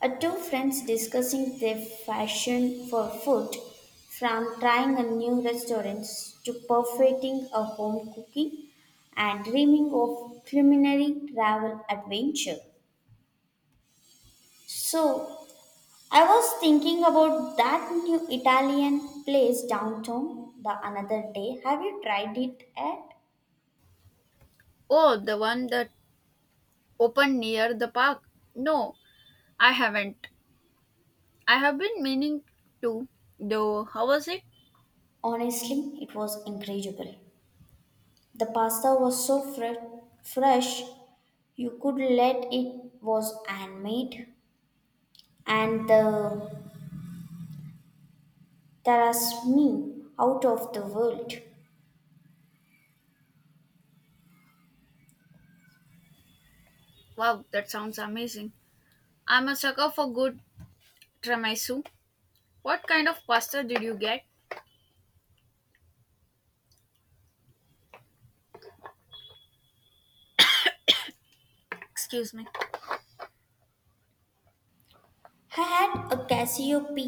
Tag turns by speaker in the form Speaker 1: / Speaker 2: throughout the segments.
Speaker 1: Two friends discussing their fashion for food, from trying a new restaurant to perfecting a home cooking and dreaming of culinary travel adventure. So, I was thinking about that new Italian place downtown the another day. Have you tried it yet?
Speaker 2: Oh, the one that opened near the park. No, I haven't. I have been meaning to, though. How was it?
Speaker 1: Honestly, it was incredible. The pasta was so fresh, you could let it was handmade. And the me out of the world.
Speaker 2: Wow, that sounds amazing. I'm a sucker for good tiramisu. What kind of pasta did you get? Excuse me.
Speaker 1: I had a Cassiope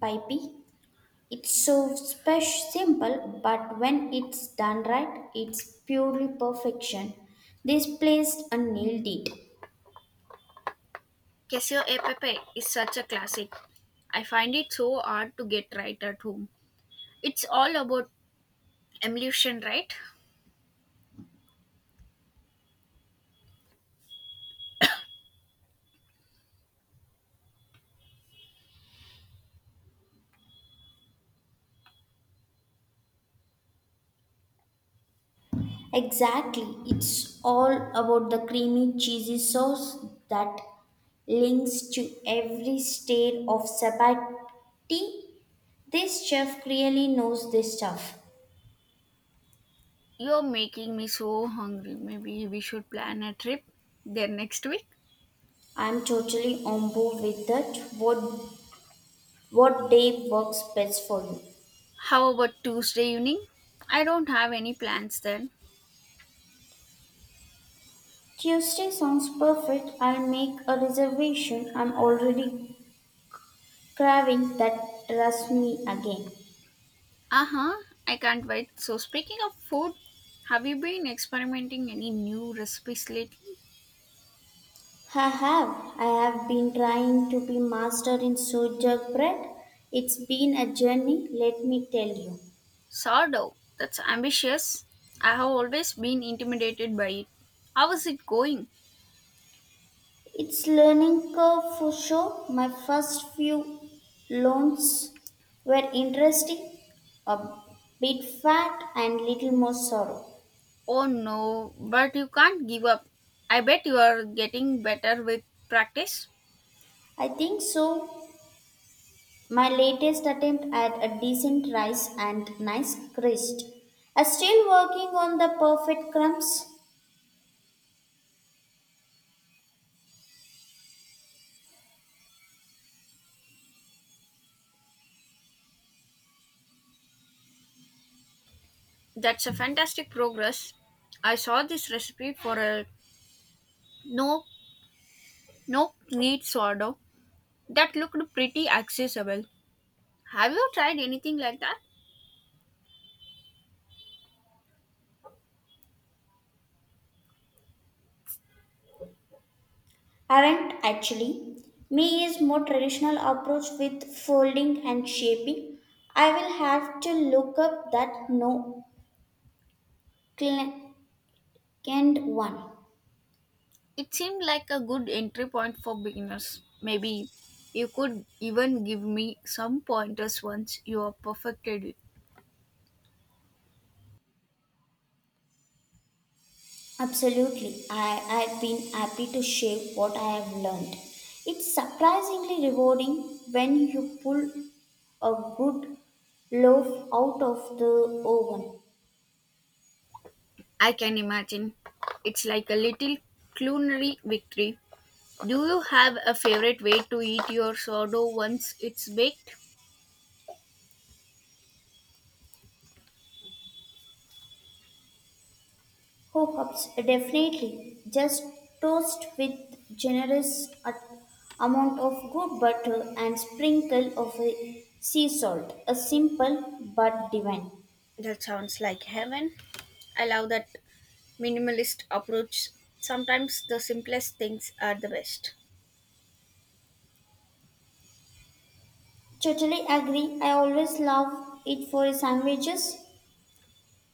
Speaker 1: pipe. It's so special, simple, but when it's done right, it's purely perfection. This place and nailed it.
Speaker 2: Queso e pepe is such a classic. I find it so hard to get right at home. It's all about emulsion, right?
Speaker 1: Exactly, it's all about the creamy, cheesy sauce that links to every state of sabati. This chef really knows this stuff.
Speaker 2: You're making me so hungry. Maybe we should plan a trip there next week.
Speaker 1: I'm totally on board with that. What day works best for you?
Speaker 2: How about Tuesday evening? I don't have any plans then.
Speaker 1: Tuesday sounds perfect. I'll make a reservation. I'm already craving that rasmi again.
Speaker 2: Uh huh, I can't wait. So, speaking of food, have you been experimenting any new recipes lately?
Speaker 1: I have. I have been trying to be master in soja bread. It's been a journey, let me tell you.
Speaker 2: Sourdough, that's ambitious. I have always been intimidated by it. How is it going?
Speaker 1: It's learning curve for sure. My first few loans were interesting, a bit fat and little more sorrow.
Speaker 2: Oh no, but you can't give up. I bet you are getting better with practice.
Speaker 1: I think so. My latest attempt at a decent rise and nice crisp. I'm still working on the perfect crumbs.
Speaker 2: That's a fantastic progress. I saw this recipe for a no, no need sourdough. That looked pretty accessible. Have you tried anything like that?
Speaker 1: Aren't actually. Me is more traditional approach with folding and shaping. I will have to look up that no canned one.
Speaker 2: It seemed like a good entry point for beginners. Maybe you could even give me some pointers once you have perfected it.
Speaker 1: Absolutely. I've been happy to share what I have learned. It's surprisingly rewarding when you pull a good loaf out of the oven.
Speaker 2: I can imagine. It's like a little culinary victory. Do you have a favorite way to eat your sourdough once it's baked?
Speaker 1: Oh, definitely. Just toast with generous amount of good butter and sprinkle of a sea salt. A simple but divine.
Speaker 2: That sounds like heaven. I love that minimalist approach. Sometimes the simplest things are the best.
Speaker 1: Totally agree. I always love it for sandwiches.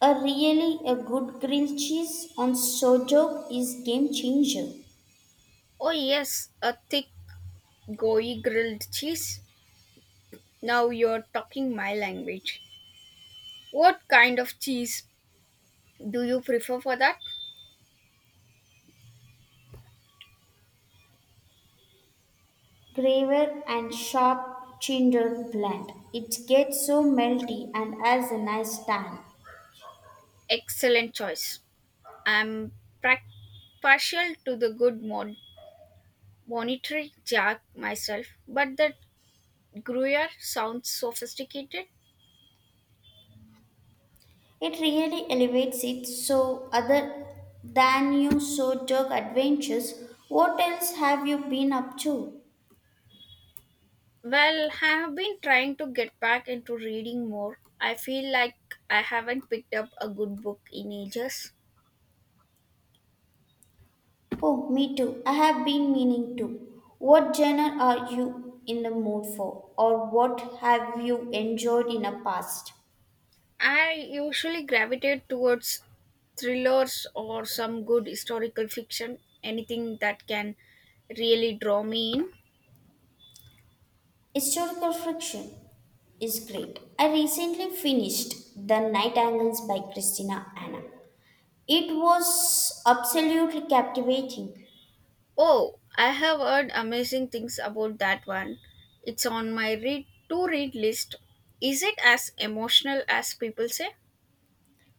Speaker 1: A really a good grilled cheese on sourdough is game changer.
Speaker 2: Oh, yes, a thick Goyi grilled cheese? Now you're talking my language. What kind of cheese do you prefer for that?
Speaker 1: Graver and sharp cinder blend. It gets so melty and has a nice tan.
Speaker 2: Excellent choice. I'm prac partial to the good monetary jack myself, but the Gruyere sounds sophisticated.
Speaker 1: It really elevates it. So other than your sourdough adventures, what else have you been up to?
Speaker 2: Well, I have been trying to get back into reading more. I feel like I haven't picked up a good book in ages.
Speaker 1: Oh, me too. I have been meaning to. What genre are you in the mood for, or what have you enjoyed in the past?
Speaker 2: I usually gravitate towards thrillers or some good historical fiction, anything that can really draw me in.
Speaker 1: Historical fiction is great. I recently finished The Night Angles by Christina Anna. It was absolutely captivating.
Speaker 2: Oh, I have heard amazing things about that one. It's on my read to read list. Is it as emotional as people say?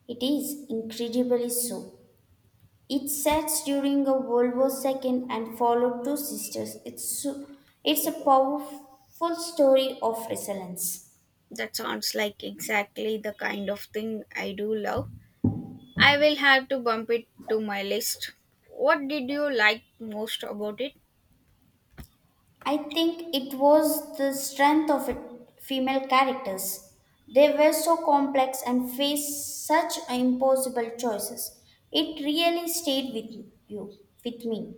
Speaker 1: It is incredibly so. It sets during a World War II and followed two sisters. It's a powerful story of resilience.
Speaker 2: That sounds like exactly the kind of thing I do love. I will have to bump it to my list. What did you like most about it?
Speaker 1: I think it was the strength of it, female characters. They were so complex and faced such impossible choices. It really stayed with you, with me.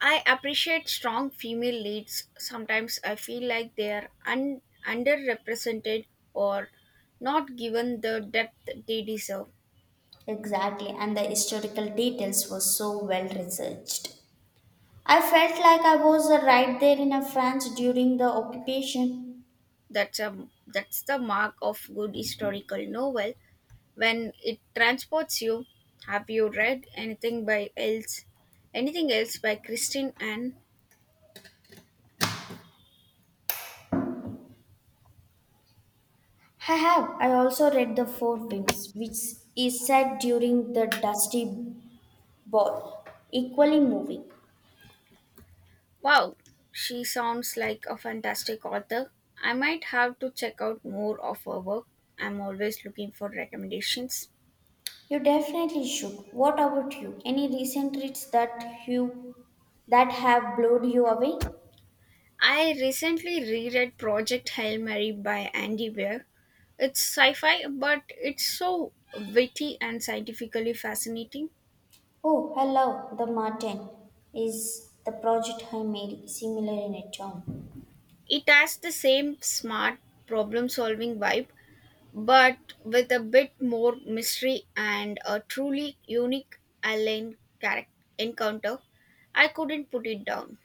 Speaker 2: I appreciate strong female leads. Sometimes I feel like they are underrepresented or not given the depth they deserve.
Speaker 1: Exactly, and the historical details were so well researched. I felt like I was right there in France during the occupation.
Speaker 2: That's a that's the mark of good historical novel when it transports you. Have you read anything by else? Anything else by Christine Anne?
Speaker 1: I have. I also read The Four Winds, which is set during the Dusty Ball. Equally moving.
Speaker 2: Wow, she sounds like a fantastic author. I might have to check out more of her work. I'm always looking for recommendations.
Speaker 1: You definitely should. What about you? Any recent reads that you that have blown you away?
Speaker 2: I recently reread Project Hail Mary by Andy Weir. It's sci fi, but it's so witty and scientifically fascinating.
Speaker 1: Oh, hello, the Martin is the project I made similar in a tone.
Speaker 2: It has the same smart problem solving vibe, but with a bit more mystery and a truly unique alien character encounter. I couldn't put it down.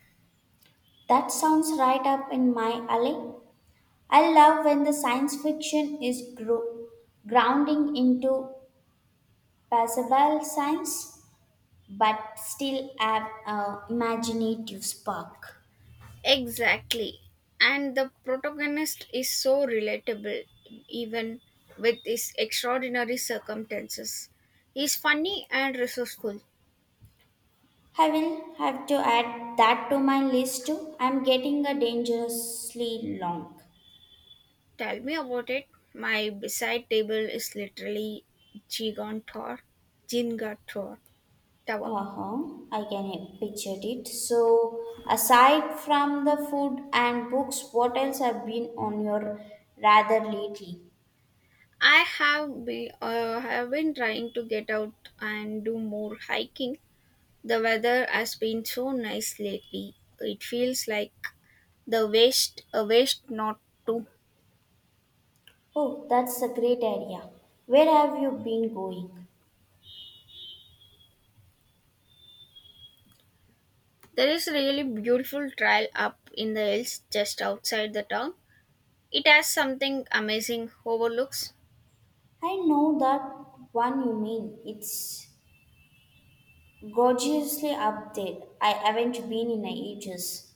Speaker 1: That sounds right up in my alley. I love when the science fiction is grounding into passable science, but still have a imaginative spark.
Speaker 2: Exactly. And the protagonist is so relatable, even with his extraordinary circumstances. He's funny and resourceful.
Speaker 1: I will have to add that to my list too. I'm getting a dangerously long.
Speaker 2: Tell me about it. My beside table is literally Gigantor, Gingator Tower.
Speaker 1: Uh huh. I can picture it. So, aside from the food and books, what else have been on your rather lately?
Speaker 2: I have been trying to get out and do more hiking. The weather has been so nice lately. It feels like a waste not to.
Speaker 1: Oh, that's a great idea. Where have you been going?
Speaker 2: There is a really beautiful trail up in the hills just outside the town. It has something amazing overlooks.
Speaker 1: I know that one you mean. It's gorgeously up there. I haven't been in ages.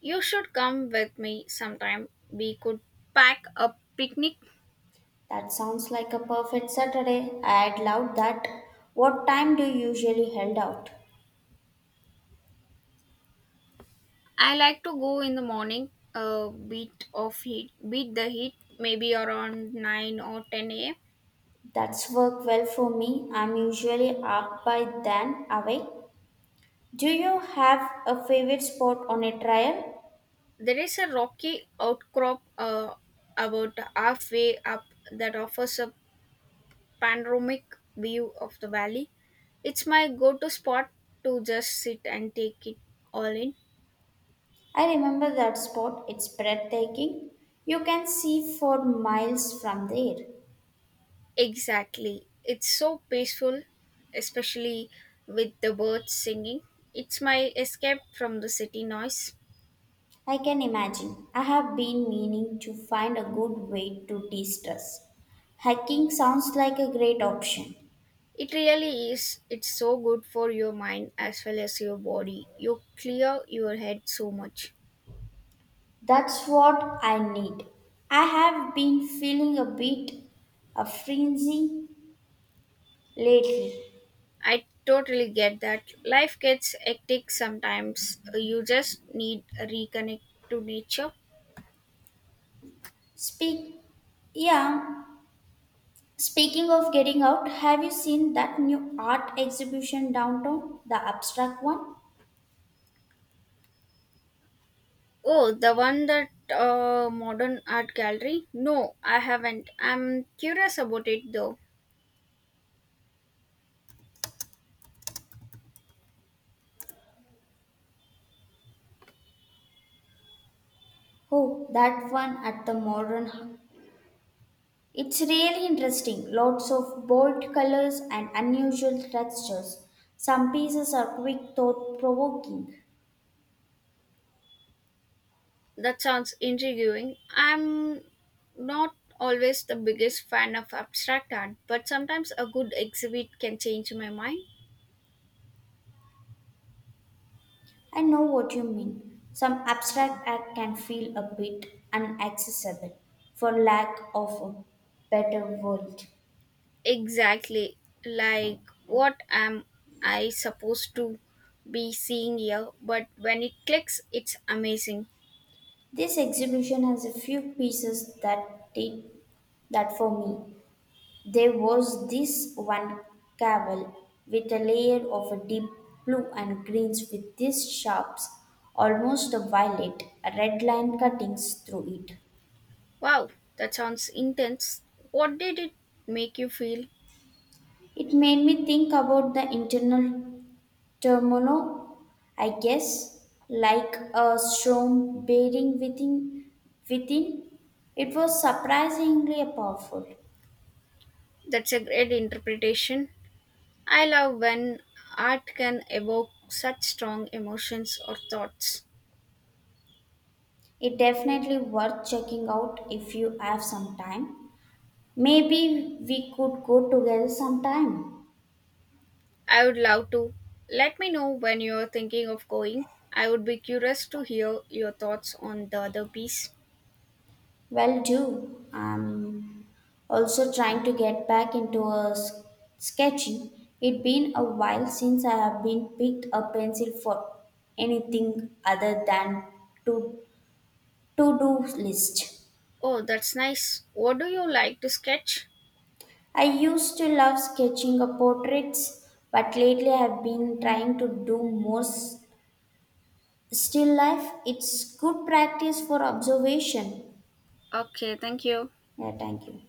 Speaker 2: You should come with me sometime. We could pack a picnic.
Speaker 1: That sounds like a perfect Saturday. I'd love that. What time do you usually held out?
Speaker 2: I like to go in the morning, a bit of heat, beat the heat, maybe around 9 or 10 a.m.
Speaker 1: That's worked well for me. I'm usually up by then away. Do you have a favorite spot on a trail?
Speaker 2: There is a rocky outcrop about halfway up that offers a panoramic view of the valley. It's my go to spot to just sit and take it all in.
Speaker 1: I remember that spot. It's breathtaking. You can see for miles from there.
Speaker 2: Exactly. It's so peaceful, especially with the birds singing. It's my escape from the city noise.
Speaker 1: I can imagine. I have been meaning to find a good way to de stress. Hiking sounds like a great option.
Speaker 2: It really is. It's so good for your mind as well as your body. You clear your head so much.
Speaker 1: That's what I need. I have been feeling a bit of frenzy lately.
Speaker 2: I totally get that. Life gets hectic sometimes. You just need a reconnect to nature.
Speaker 1: Speak, yeah. Speaking of getting out, have you seen that new art exhibition downtown? The abstract one?
Speaker 2: Oh, the one that modern art gallery? No, I haven't. I'm curious about it though.
Speaker 1: Oh, that one at the modern hub. It's really interesting. Lots of bold colors and unusual textures. Some pieces are quick thought provoking.
Speaker 2: That sounds intriguing. I'm not always the biggest fan of abstract art, but sometimes a good exhibit can change my mind.
Speaker 1: I know what you mean. Some abstract art can feel a bit inaccessible for lack of a better word.
Speaker 2: Exactly. Like what am I supposed to be seeing here? But when it clicks, it's amazing.
Speaker 1: This exhibition has a few pieces that did that for me. There was this one cavil with a layer of a deep blue and greens with these sharps, almost a violet, a red line cuttings through it.
Speaker 2: Wow, that sounds intense. What did it make you feel?
Speaker 1: It made me think about the internal Termono, I guess, like a storm bearing within. It was surprisingly powerful.
Speaker 2: That's a great interpretation. I love when art can evoke such strong emotions or thoughts.
Speaker 1: It definitely worth checking out if you have some time. Maybe we could go together sometime.
Speaker 2: I would love to. Let me know when you're thinking of going. I would be curious to hear your thoughts on the other piece.
Speaker 1: Well, do. I'm also trying to get back into a sketching. It's been a while since I have been picked a pencil for anything other than to To do list.
Speaker 2: Oh, that's nice. What do you like to sketch?
Speaker 1: I used to love sketching of portraits, but lately I've been trying to do more still life. It's good practice for observation.
Speaker 2: Okay, thank you.
Speaker 1: Yeah, thank you.